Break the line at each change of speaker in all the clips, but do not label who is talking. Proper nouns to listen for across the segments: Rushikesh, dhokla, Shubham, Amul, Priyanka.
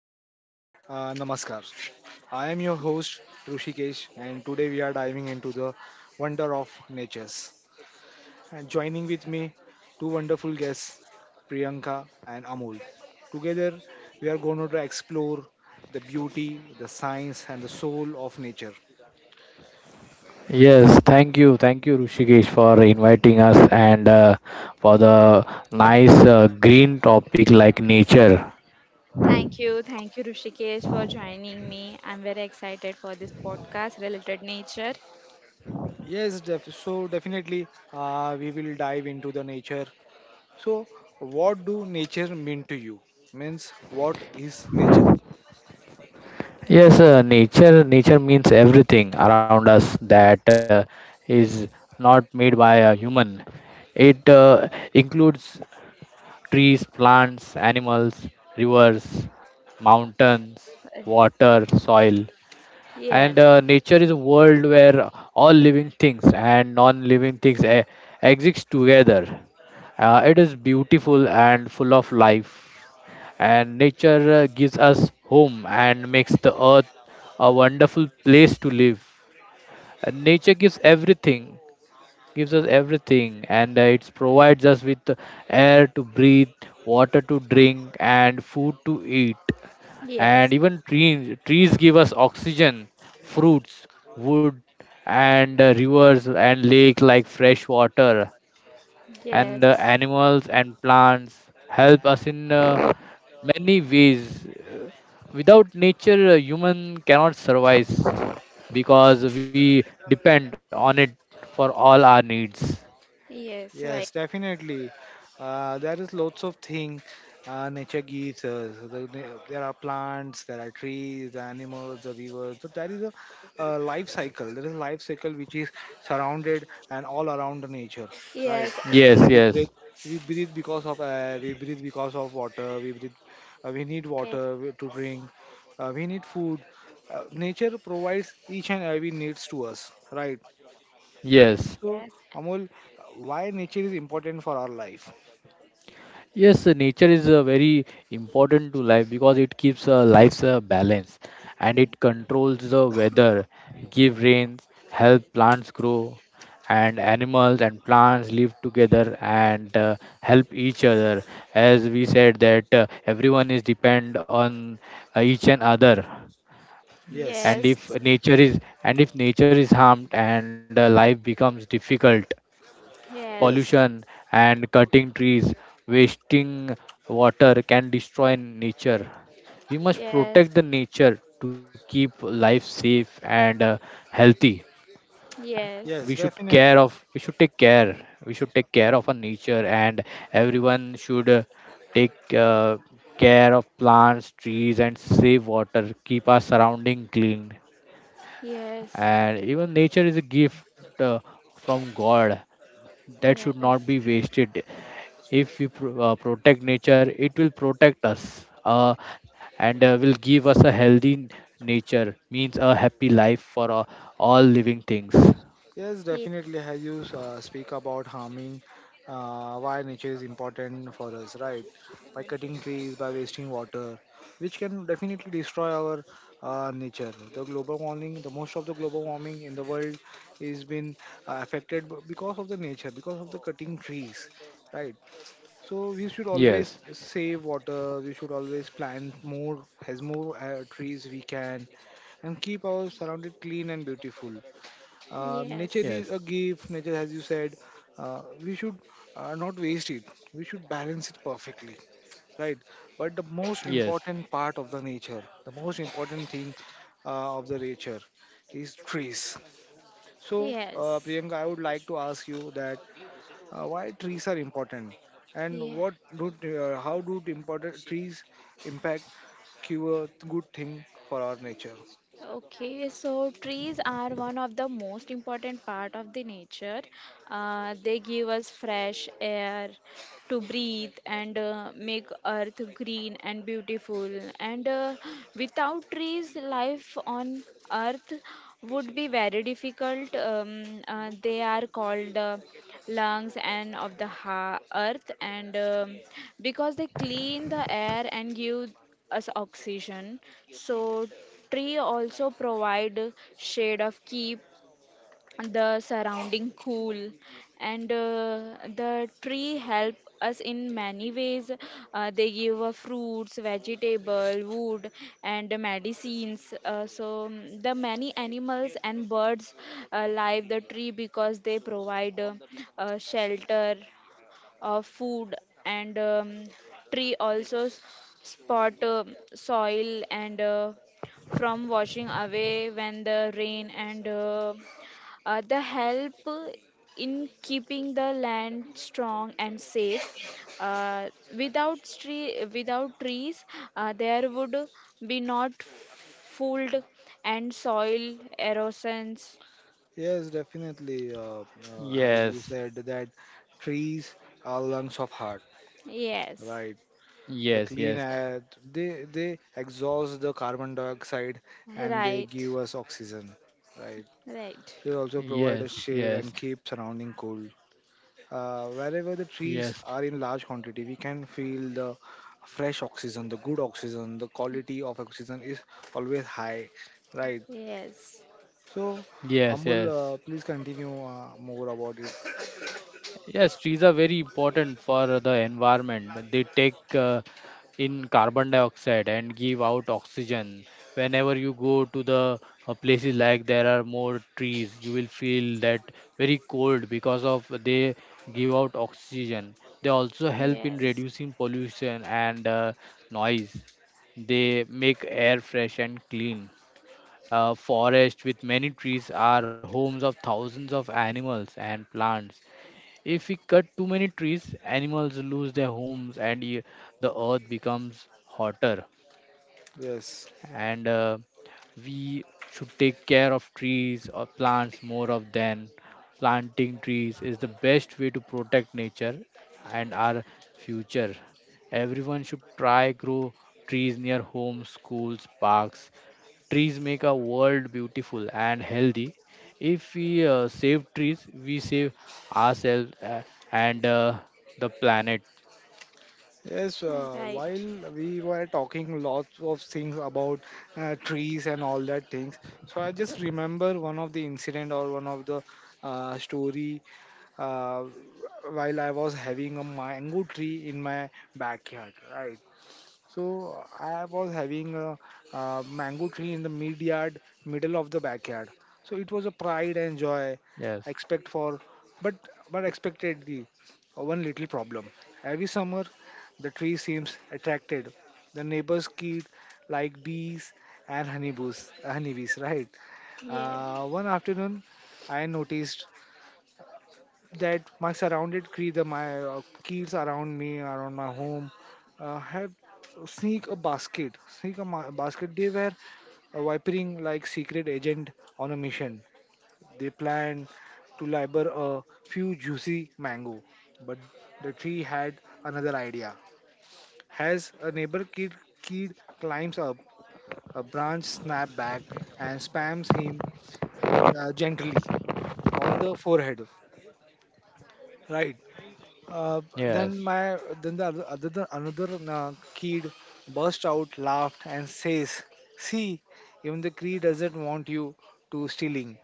hello, namaskar. I am your host Rushikesh, and today we are diving into the wonder of natures. And joining with me, two wonderful guests, Priyanka and Amul. Together, we are going to explore the beauty, the science, and the soul of nature.
Yes, thank you, Rushikesh, for inviting us, and for the nice green topic like nature.
Thank you. Thank you, Rushikesh, for joining me. I'm very excited for this podcast related nature.
Yes, so definitely, we will dive into the nature. So, what do nature mean to you? Means, what is nature?
Yes, nature means everything around us that is not made by a human. It includes trees, plants, animals, rivers, mountains,
Uh,
water, soil. And
Yes.
nature is a world where all living things and non-living things exist together. It is beautiful and full of life, and nature gives us home and makes the earth a wonderful place to live. And nature gives us everything, and it provides us with air to breathe, water to drink, and food to eat.
Yes.
And even trees give us oxygen, fruits, wood, and rivers and lake like fresh water. And
Yes.
animals and plants help us in many ways. Without nature, human cannot survive because we depend on it for all our needs.
Yes. Right.
Yes, definitely. There is lots of thing nature gives us. So There are plants, there are trees, the animals, the rivers. So there is a, life cycle. There is a life cycle which is surrounded and all around the nature, right?
Yes.
Yes,
We breathe,
yes,
we breathe because of air. We breathe because of water. We breathe. We need
eh,
water to drink. We need food. Nature provides each and every needs to us, right?
yes,
So,
Yes.
Amol, why nature is important for our life?
yes. Nature is very important to life because it keeps life's balance, and it controls the weather, give rains, help plants grow, and animals and plants live together and help each other. As we said, that everyone is depend on each and other.
Yes,
And
Yes.
if nature is harmed, and life becomes difficult,
Yes.
yes,
pollution and cutting trees, wasting water can destroy nature. We must
Yes.
protect the
Yes.
nature to keep life safe and healthy. We
Yes.
yes,
should care
definitely.
of we should take care. We should take care of our nature, and everyone should take care of plants, trees, and save water. Keep our surrounding clean. And even nature is a gift uh, from God that should
Yes.
not be wasted. If we protect nature, it will protect us, and will give us a healthy nature, means a happy life for all living things.
Yes, definitely. As you speak about harming, why nature is important for us, right? By cutting trees, by wasting water, which can definitely destroy our nature. The global warming, the most of the global warming in the world is been affected because of the nature, because of the cutting trees, right? So we should
Yes
always save water. We should always plant more, as more trees we can, and keep our surrounded clean and beautiful. Nature is
yes
a gift. Nature, as you said, we should not waste it. We should balance it perfectly, right? But the most
yes
important part of the nature, the most important thing of the nature, is trees. So,
Yes.
Priyanka, I would like
Yes.
to ask you that why trees are important and
Yes.
what do t- how do t- important trees impact cure good thing for our nature.
Okay, so trees are one of the most important part of the nature. They give us fresh air to breathe and make earth green and beautiful, and without trees life on earth would be very difficult. They are called lungs and of the earth, and because they clean the air and give us oxygen. So tree also provide shade of keep the surrounding cool, and the tree help us in many ways. They give us fruits, vegetable, wood, and medicines. The many animals and birds live the tree because they provide shelter, food, and tree also spot soil, and from washing away when the rain, and the help in keeping the land strong and safe. uh, Without trees, there would be not food and soil erosions.
Yes, definitely. As
yes
you said, that trees are lungs of heart,
Yes,
right? The
yes
clean
yes
air, they exhaust the carbon dioxide and they give
right,
us oxygen, right?
right,
They also
yes
provide a
yes
shade and keep surrounding cool. Wherever the
yes
trees are in large quantity, we can feel the fresh oxygen, the good oxygen, the quality of oxygen is always high, right?
yes.
So,
yes
Amul,
yes
please continue more about it.
Yes, trees are very important for the environment. They take in carbon dioxide and give out oxygen. Whenever you go to the places like there are more trees, you will feel that very cold because of they give out oxygen. They also help in
Yes.
reducing pollution and noise. They make air fresh and clean. Forest with many trees are homes of thousands of animals and plants. If we cut too many trees, animals lose their homes, and the earth becomes hotter.
Yes.
And we should take care of trees or plants more of than planting trees is the best way to protect nature and our future. Everyone should try grow trees near homes, schools, parks. Trees make our world beautiful and healthy. If we save trees, we save ourselves, and the planet.
Yes,
Right.
while we were talking lots of things about trees and all that things, so I just remember one of the incident or one of the story uh, while I was having a mango tree in my backyard, right? So I was having a mango tree in the mid yard, middle of the backyard. So it was a pride and joy.
yes
Expect for, but but expected the one little problem. Every summer, the tree seems attracted. The neighbors' kid like bees and honeybees, right?
Yeah.
One afternoon, I noticed that my surrounded cre- the my kids around me around my home had sneak a basket sneak a basket. They were vipering like secret agent on a mission. They planned to labor a few juicy mango, but the tree had another idea. As a neighbor kid climbs up, a branch snap back and spams him gently on the forehead, right? Uh, then
Y-
yes
my then the other other than another kid burst out, laughed, and says, "See, even the Cree doesn't want you to stealing."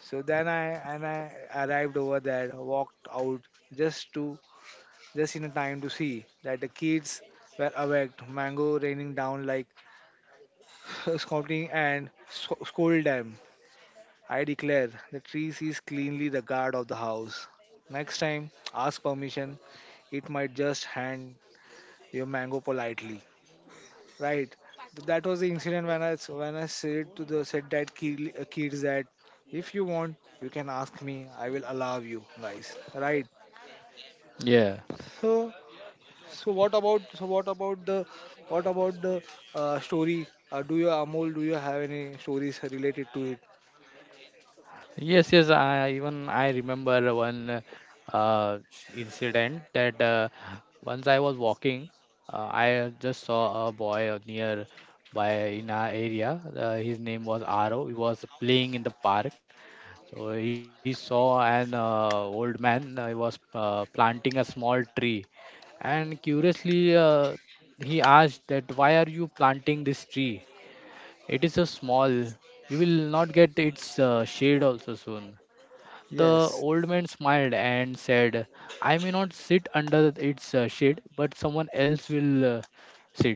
So then I arrived over there, walked out just to just in time to see that the kids were awake, mango raining down like scouting, and scolded them. I declare the trees is cleanly the guard of the house. Next time, ask permission. It might just hand your mango politely, right? That was the incident when I said to the said that kids that if you want you can ask me, I will allow you guys, right?
yeah
So so what about the story? Do you Amol? Do you have any stories related to it?
yes yes I even I remember one uh, incident, that once I was walking, I just saw a boy near by in our area. His name was Aro. He was playing in the park. So he saw an old man. He was planting a small tree, and curiously he asked that, "Why are you planting this tree? It is so small. You will not get its shade also soon." The
Yes,
old man smiled and said, "I may not sit under its shade, but someone else will sit.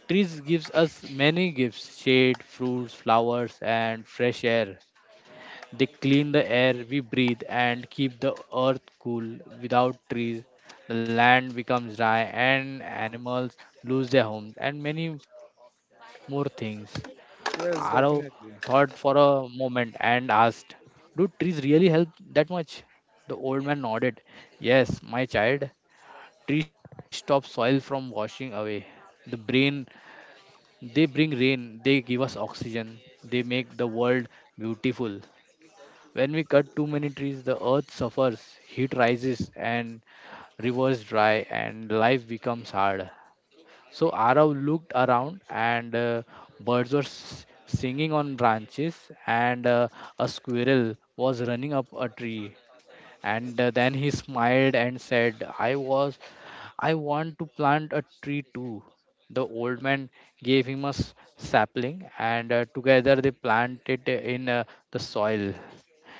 Trees gives us many gifts: shade, fruits, flowers, and fresh air. They clean the air we breathe and keep the earth cool. Without trees, the land becomes dry and animals lose their homes and many more things." Arrow
yes,
thought for
definitely.
a moment and asked, "Do trees really help that much?" The old man nodded, "Yes, my child. Trees stop soil from washing away. The brain, they bring rain, they give us oxygen, they make the world beautiful. When we cut too many trees, the earth suffers, heat rises, and rivers dry, and life becomes hard." So Arav looked around, and birds were singing on branches, and a squirrel was running up a tree. And then he smiled and said, "I want to plant a tree too." The old man gave him a sapling, and together they planted in the soil.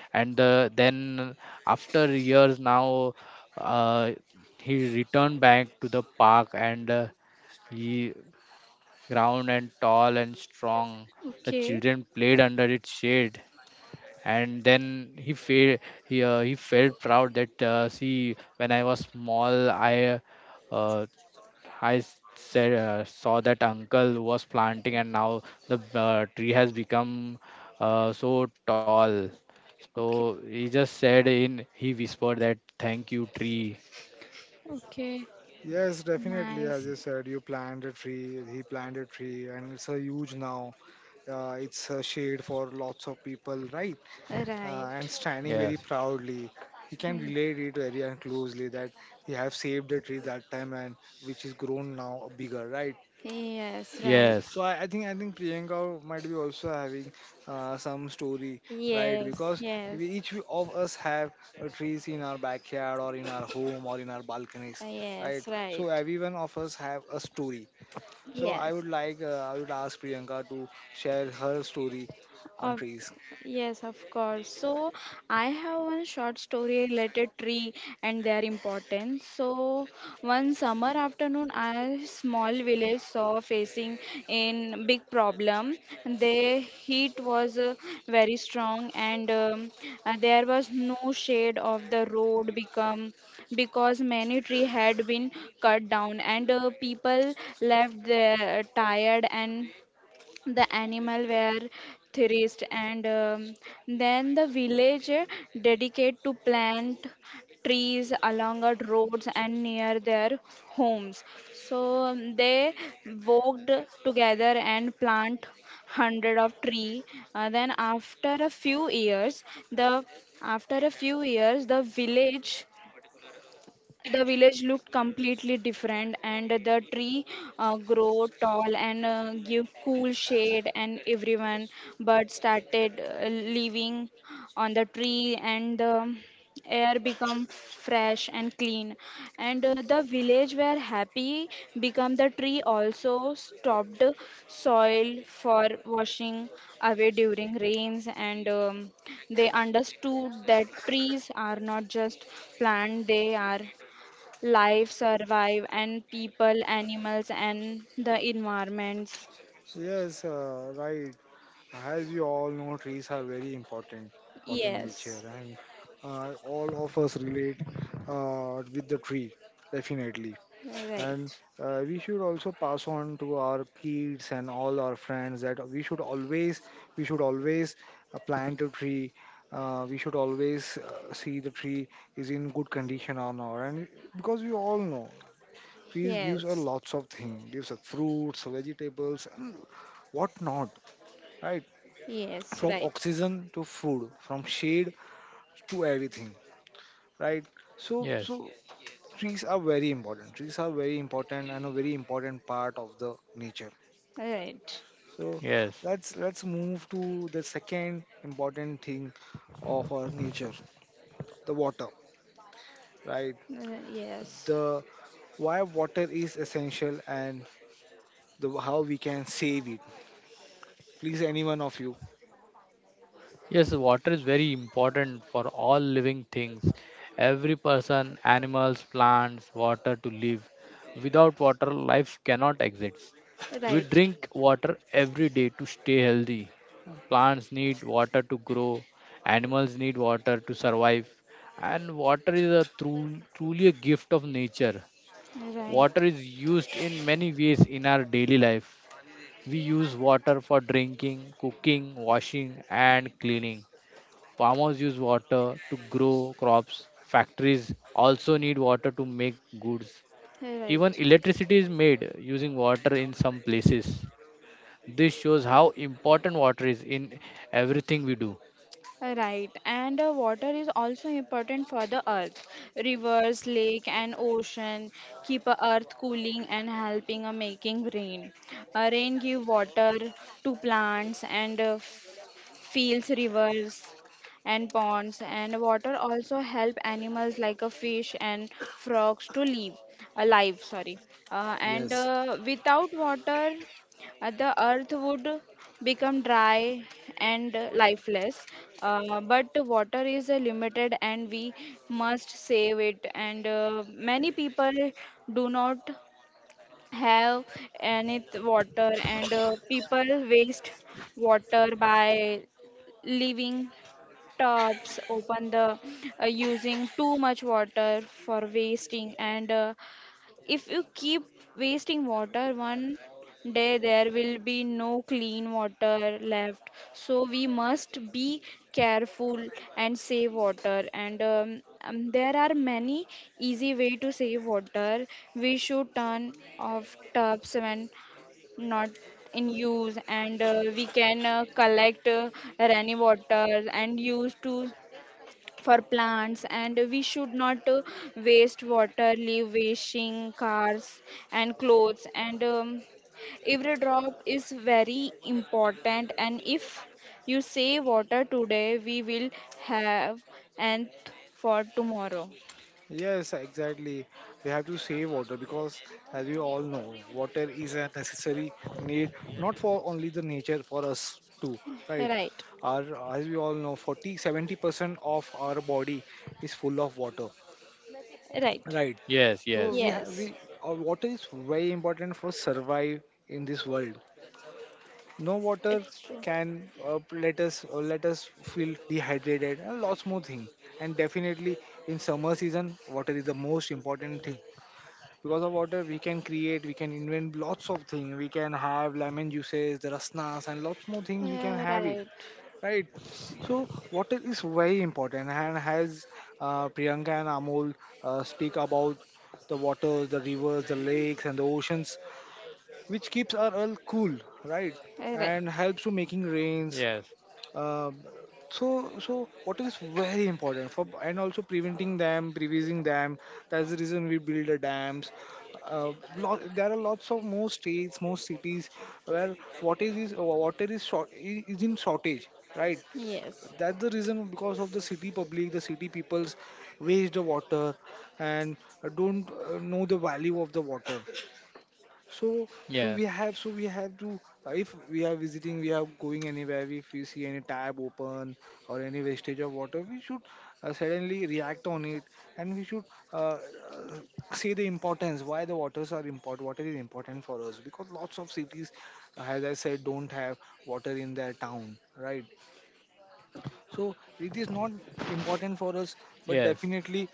And then, after years now, uh, he returned back to the park, and he ground, and tall and strong, the children
Okay.
played under its shade. And then he felt, he felt proud that, see, when I was small, uh, I said, saw that uncle was planting, and now the tree has become so tall. So
Okay.
he just said in he whispered that, "Thank you, tree."
Okay.
Yes, definitely. As
Nice.
you said, you planned a tree, he planted a tree, and it's a huge now. It's a shade for lots of people, right? And
Right.
standing
Yes,
very proudly. He can
Y-
relate it very and closely that he have saved the tree that time and which is grown now bigger, right?
Yes. Right.
yes,
So I think Priyanka might be also having some story, right?
Yes.
Because
Yes.
each of us have trees in our backyard or in our home or in our balconies, right?
Yes. Right.
So everyone of us have a story. So
Yes.
I would ask Priyanka to share her story on
Of,
trees.
yes, of course. So I have one short story related tree and their importance. So one summer afternoon, a small village saw facing in big problem. The heat was very strong, and there was no shade of the road become because many tree had been cut down, and people left there tired and the animal were thrashed. And Then the village dedicate to plant trees along the roads and near their homes. They worked together and plant hundred of tree. Then after a few years the the village looked completely different, and the tree grow tall and give cool shade, and everyone but started living on the tree, and the air become fresh and clean, and the village were happy become the tree also stopped soil for washing away during rains, and they understood that trees are not just plant; they are life survive and people animals and the environments.
Yes, right. As we all know, trees are very important for the nature,
Yes,
and all of us relate with the tree, definitely.
right,
And we should also pass on to our kids and all our friends that we should always plant a tree. We should always see the tree is in good condition or not, and because we all know trees gives us
yes,
lots of things, gives us fruits, vegetables, and what not, right?
yes,
From
right,
oxygen to food, from shade to everything, right? so
yes,
so trees are very important. And a very important part of the nature.
right.
So
yes,
let's move to the second important thing of our nature, the water, right?
Yes,
the Why water is essential, and the how we can save it. Please any one of you.
yes. Water is very important for all living things. Every person, animals, plants, water to live. Without water, life cannot exist. We
right,
drink water every day to stay healthy. Plants need water to grow, animals need water to survive, and water is a truly a gift of nature.
right,
Water is used in many ways in our daily life. We use water for drinking, cooking, washing, and cleaning. Farmers use water to grow crops. Factories also need water to make goods.
right.
Even electricity is made using water in some places. This shows how important water is in everything we do.
Right, and water is also important for the earth. Rivers, lake, and ocean keep earth cooling and helping making rain. Rain give water to plants and fields, rivers, and ponds. And water also help animals like a fish and frogs to live alive. Sorry, and
Yes.
without water. The earth would become dry and lifeless. But water is limited, and we must save it. And many people do not have any water, and people waste water by leaving tops open, the using too much water for wasting, and if you keep wasting water, one day there will be no clean water left. So we must be careful and save water. And There are many easy way to save water. We should turn off tubs when not in use, and we can collect rainy water and use to for plants, and we should not waste water leave washing cars and clothes, and every drop is very important, and if you save water today we will have and for tomorrow.
Yes, exactly. We have to save water because, as we all know, water is a necessary need not for only the nature, for us too, right?
Right,
Our, as we all know, forty seventy percent of our body is full of water,
right,
right?
Yes,
So, we
yes,
have
yes,
we our water is very important for survive in this world. No water
it's true.
can let us feel dehydrated and lots more things. And definitely in summer season, water is the most important thing, because of water we can create, we can invent lots of things, we can have lemon juices, the rasnas and lots more things we can have it,
Right.
right? So water is very important, and has Priyanka and Amol speak about the waters, the rivers, the lakes, and the oceans, which keeps our earth cool, right,
Right,
and helps to making
yes,
rains. Uh, so so what is very important for, and also preventing them, that's the reason we build the dams. Lot, there are lots of more states, more cities, where what is water is short, is in shortage, right?
yes,
That's the reason, because of the city public, the city peoples waste the water, and don't know the value of the water. So
yeah,
so we have to, if we are going anywhere, if we see any tab open or any wastage of water, we should suddenly react on it, and we should uh, uh, say the importance why the waters are important. Water is important for us because lots of cities, as I said, don't have water in their town, right? So it is not
yes,
important for us, but definitely,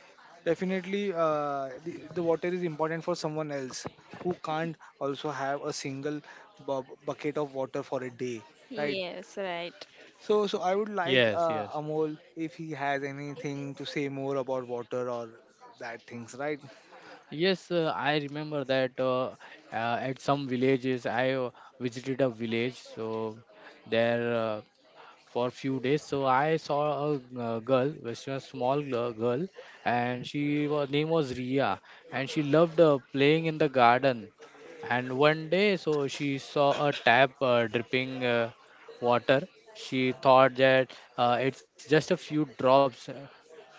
definitely, the water is important for someone else who can't also have a single bucket of water for a day, right?
yes, right,
So,
yes,
I would
yes.
like Amol if he has anything to say more about water or that things, right?
Yes, I remember that, at some villages I visited a village, so there for few days. So I saw a girl, which was a small girl, and she was name was Ria, and she loved playing in the garden. And one day, so she saw a tap dripping water. She thought that, it's just a few drops.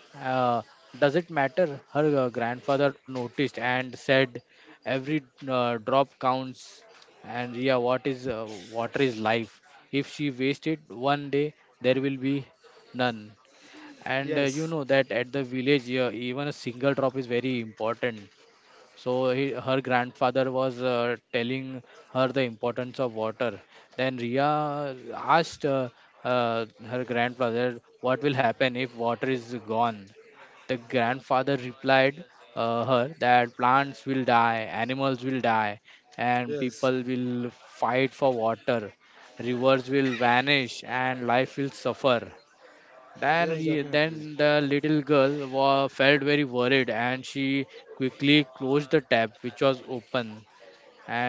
Uh, does it matter? Her grandfather noticed and said, "Every drop counts. And Ria, what is, water is life. If she wasted one day, there will be none. And
Yes,
you know that at the village, even a single drop is very important." So he, her grandfather was telling her the importance of water. Then Ria asked, her grandfather, what will happen if water is gone. The grandfather replied her that, "Plants will die, animals will die, and
yes,
people will fight for water. Rivers will vanish and life will suffer."
yes,
Then,
definitely.
then the little girl felt very worried and she quickly closed the tap, which was open.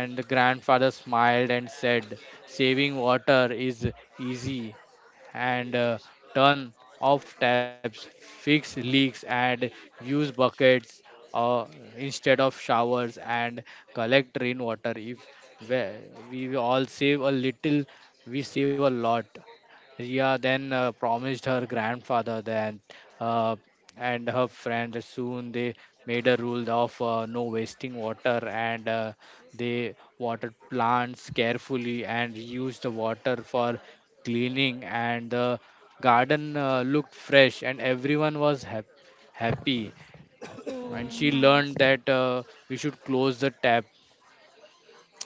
And the grandfather smiled and said, "Saving water is easy, and turn off taps, fix leaks, and use buckets uh, instead of showers, and collect rainwater. If we all save a little, we save a lot." Ria then promised her grandfather that, uh, and her friend, soon they made a rule of no wasting water, and they water plants carefully and reuse the water for cleaning, and the garden looked fresh, and everyone was happy.
oh,
And she
nice,
learned that, we should close the tap,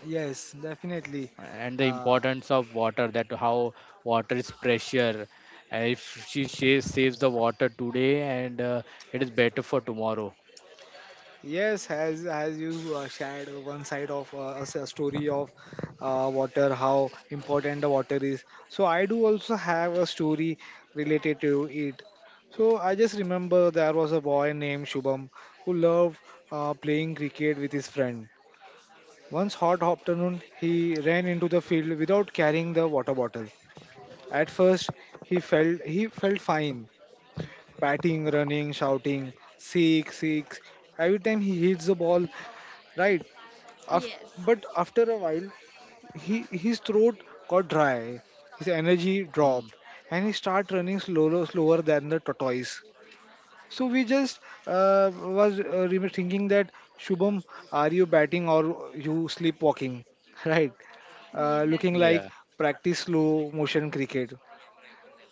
Yes, definitely.
and the
Uh,
importance of water, that how water is pressure. And if she saves the water today, and it is better for tomorrow.
Yes, as you shared one side of a story of water, how important the water is. So I do also have a story related to it. So I just remember there was a boy named Shubham who loved playing cricket with his friend. Once hot afternoon, he ran into the field without carrying the water bottle. At first, he felt fine, batting, running, shouting, six, six. Every time he hits the ball, right, Af-
yes,
but after a while, his throat got dry, his energy dropped,
Hmm.
and he started running slower, slower than the tortoise. So we just was thinking that Shubham, are you batting or you sleepwalking? Right, looking
yes,
like
Yeah.
practice slow motion cricket.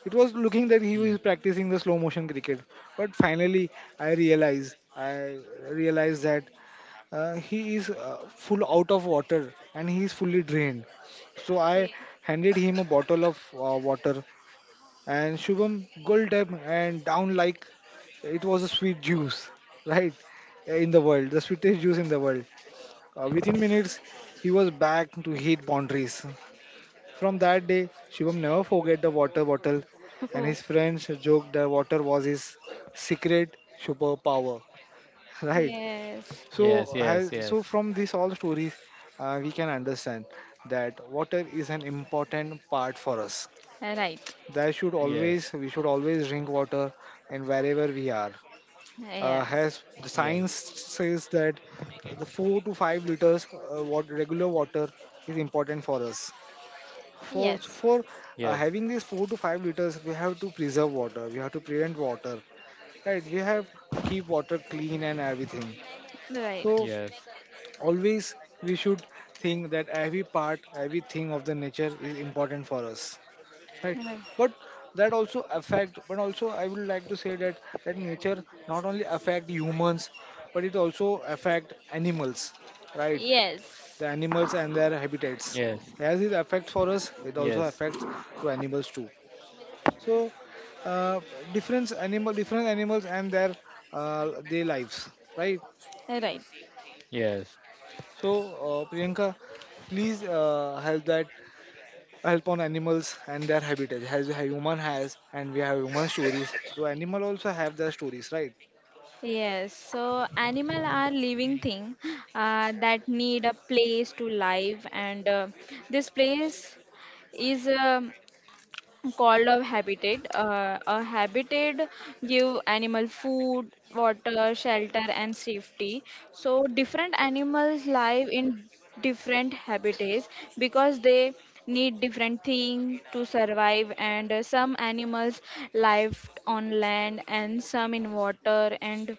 It was looking that he was
Hmm.
practicing the slow motion cricket, but finally I realized that he is full out of water and he is fully drained. So I
okay.
handed him a bottle of water, and Shubham gulped up and down like it was a sweet juice, right? In the world, the sweetest juice in the world. Within minutes, he was back to hit boundaries. From that day, Shubham never forget the water bottle, and his friends joked that water was his secret superpower, right?
Yes.
So,
Yes, yes,
has- so
yes.
from these all stories, we can understand that water is an important part for us.
Right.
That should always
Yes.
we should always drink water, and wherever we are,
Yes.
has the science
Yes.
says that the 4 to 5 liters water, regular water is important for us. For
Yes.
for having
Yes.
these 4 to 5 liters, we have to preserve water. We have to prevent water, right? We have to keep water clean and everything.
Right.
So
Yes.
always we should think that every part everything of the nature is important for us, right,
Right.
but but also I would like to say that nature not only affect humans but it also affect animals, right?
Yes.
The animals and their habitats,
Yes.
as it affects for us, it also
Yes,
affects to animals too. So, uh, different animals and their lives, right?
Right.
yes,
So, Priyanka, please help that, help on animals and their habitat. As a human has and we have human stories, so animal also have their stories, right?
Yes. So animal are living thing that need a place to live, and this place is called a habitat. A habitat give animal food, water, shelter, and safety. So different animals live in different habitats because they need different things to survive. And some animals live on land, and some in water, and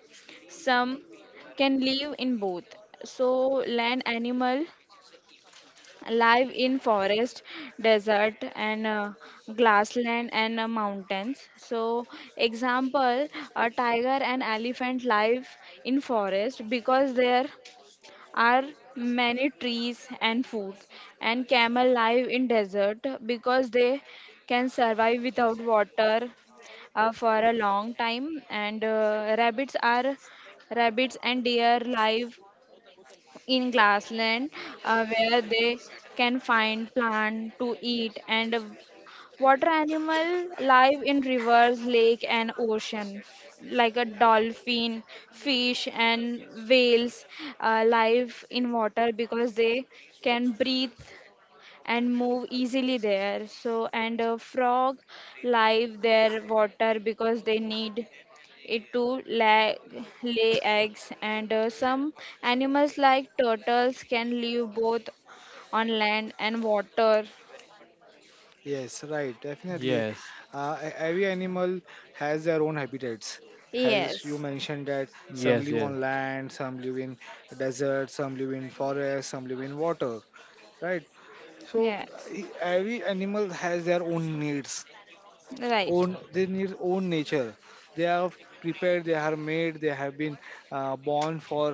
some can live in both. So land animal live in forest, desert, and grassland, and mountains. So, example, a tiger and elephant live in forest because there are many trees and food, and camel live in desert because they can survive without water for a long time, and rabbits and deer live in grassland, where they can find plant to eat. And water animal live in rivers, lake, and ocean, like a dolphin, fish, and whales live in water because they can breathe and move easily there. So, and a frog live their water because they need it to lay eggs. And some animals like turtles can live both on land and water.
Yes, right,
yes,
definitely. Every animal has their own habitats, as you
Yes,
mentioned that
yes,
some
yes,
live on land, some live in desert, some live in forest, some live in water, right? So
yes,
every animal has their own needs,
right,
own, they need own nature. They are prepared, they are made, they have been born for,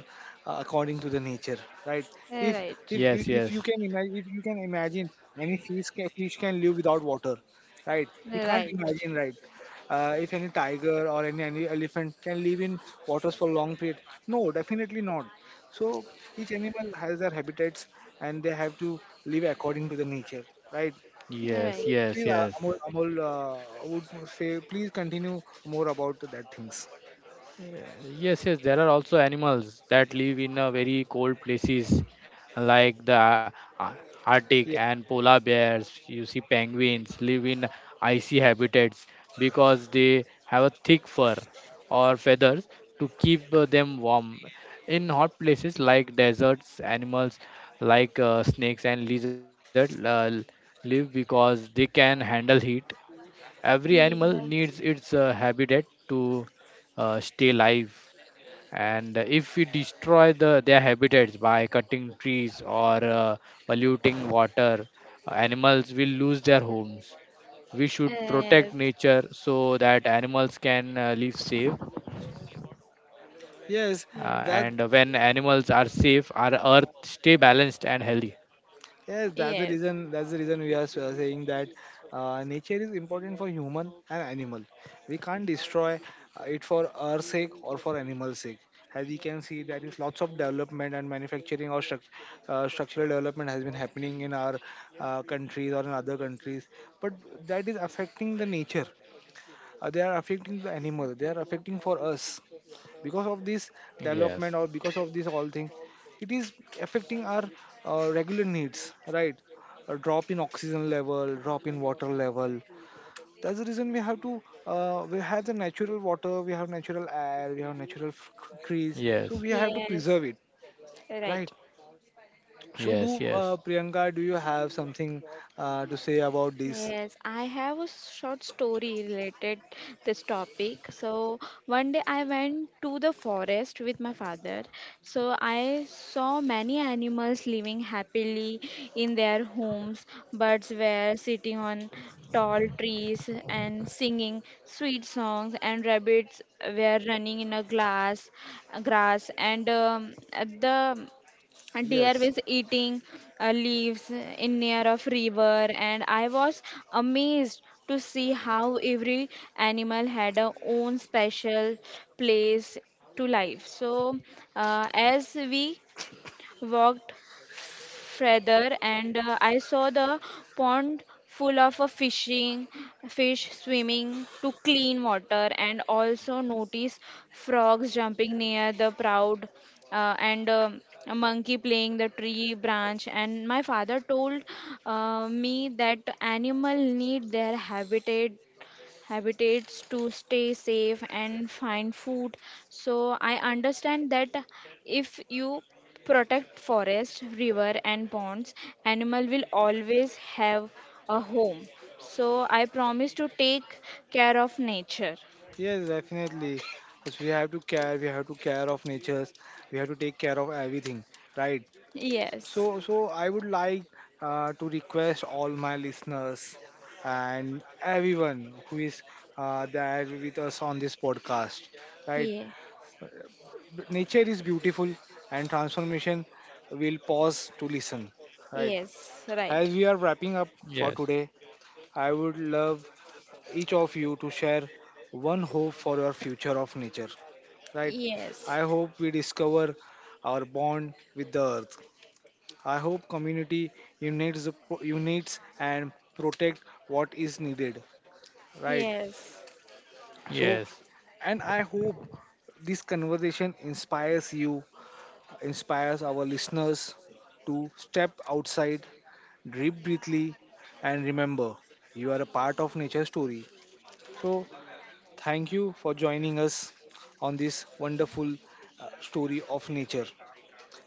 according to the nature, right? if if
right,
if
yes,
if you can
yes,
imagine, any fish can live without water, right? We can't
right,
imagine, right? Uh, if any tiger or any elephant can live in waters for long period, no, definitely not. So each animal has their habitats and they have to live according to the nature, right? So
right.
yes,
please,
yes,
uh,
yes.
Amol, Amol, uh, would say please continue more about that things.
Yeah, yes, yes, there are also animals that live in very cold places, like the Ar- Arctic
Yeah.
and polar bears. You see, penguins live in icy habitats because they have a thick fur or feathers to keep them warm. In hot places like deserts, animals like snakes and lizards live because they can handle heat. Every animal needs
Yes,
its habitat to stay alive. And if we destroy the, their habitats by cutting trees or polluting water, animals will lose their homes. We should
yes,
protect nature so that animals can live safe. And
Yes,
When
yes,
that
animals are safe, our earth stay balanced and healthy.
yes, that's the reason. That's the reason we are saying that nature is important for human and animal. We can't destroy it for our sake or for animal's sake. As we can see, there is lots of development and manufacturing or structural development has been happening in our countries or in other countries, but that is affecting the nature. They are affecting the animal, they are affecting for us, because of this
Yes,
development or because of this all thing, it is affecting our regular needs, right? A drop in oxygen level, drop in water level. That's the reason we have to, we have the natural water, we have natural air, we have trees, so we
yes,
have to
yes, yes,
preserve it, right?
right.
So do,
yes, yes,
Priyanka, do you have something to say about this?
Yes, I have a short story related this topic. So one day I went to the forest with my father. So I saw many animals living happily in their homes. Birds were sitting on tall trees and singing sweet songs, and rabbits were running in a glass grass, and the a deer
Yes.
was eating leaves in near of river, and I was amazed to see how every animal had a own special place to life. So as we walked feather, and I saw the pond full of a fishing fish swimming to clean water, and also noticed frogs jumping near the proud, and a monkey playing the tree branch, and my father told me that animal need their habitats to stay safe and find food. So I understand that if you protect forest, river and ponds, animal will always have a home. So I promise to take care of nature.
Yes, definitely. Because we have to care, we have to care of natures, we have to take care of everything, right?
Yes.
So, so I would like to request all my listeners and everyone who is there with us on this podcast, right?
Yeah.
Nature is beautiful, and transformation will pause to listen, right?
Yes, right.
As we are wrapping up for
yes,
today, I would love each of you to share one hope for your future of nature, right?
Yes.
I hope we discover our bond with the earth. I hope community unites, unites and protect what is needed, right?
Yes.
So,
yes,
and I hope this conversation inspires you, inspires our listeners to step outside, deep breathly, and remember, you are a part of nature story. So, thank you for joining us on this wonderful story of nature.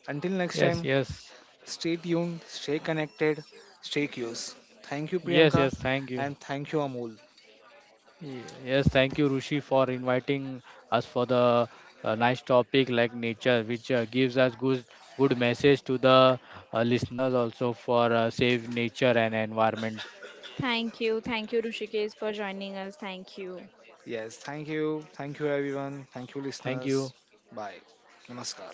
Until next
yes,
time,
yes,
stay tuned, stay connected, stay curious. Thank you,
yes,
Priyanka,
yes. Thank you.
and thank you, Amol.
Yes, thank you, Rushi, for inviting us for the nice topic like nature, which gives us good good message to the listeners also for save nature and environment.
Thank you. Thank you, Rushikesh, for joining us. Thank you.
Yes, thank you. Thank you, everyone. Thank you,
Thank
listeners.
you.
Bye. Namaskar.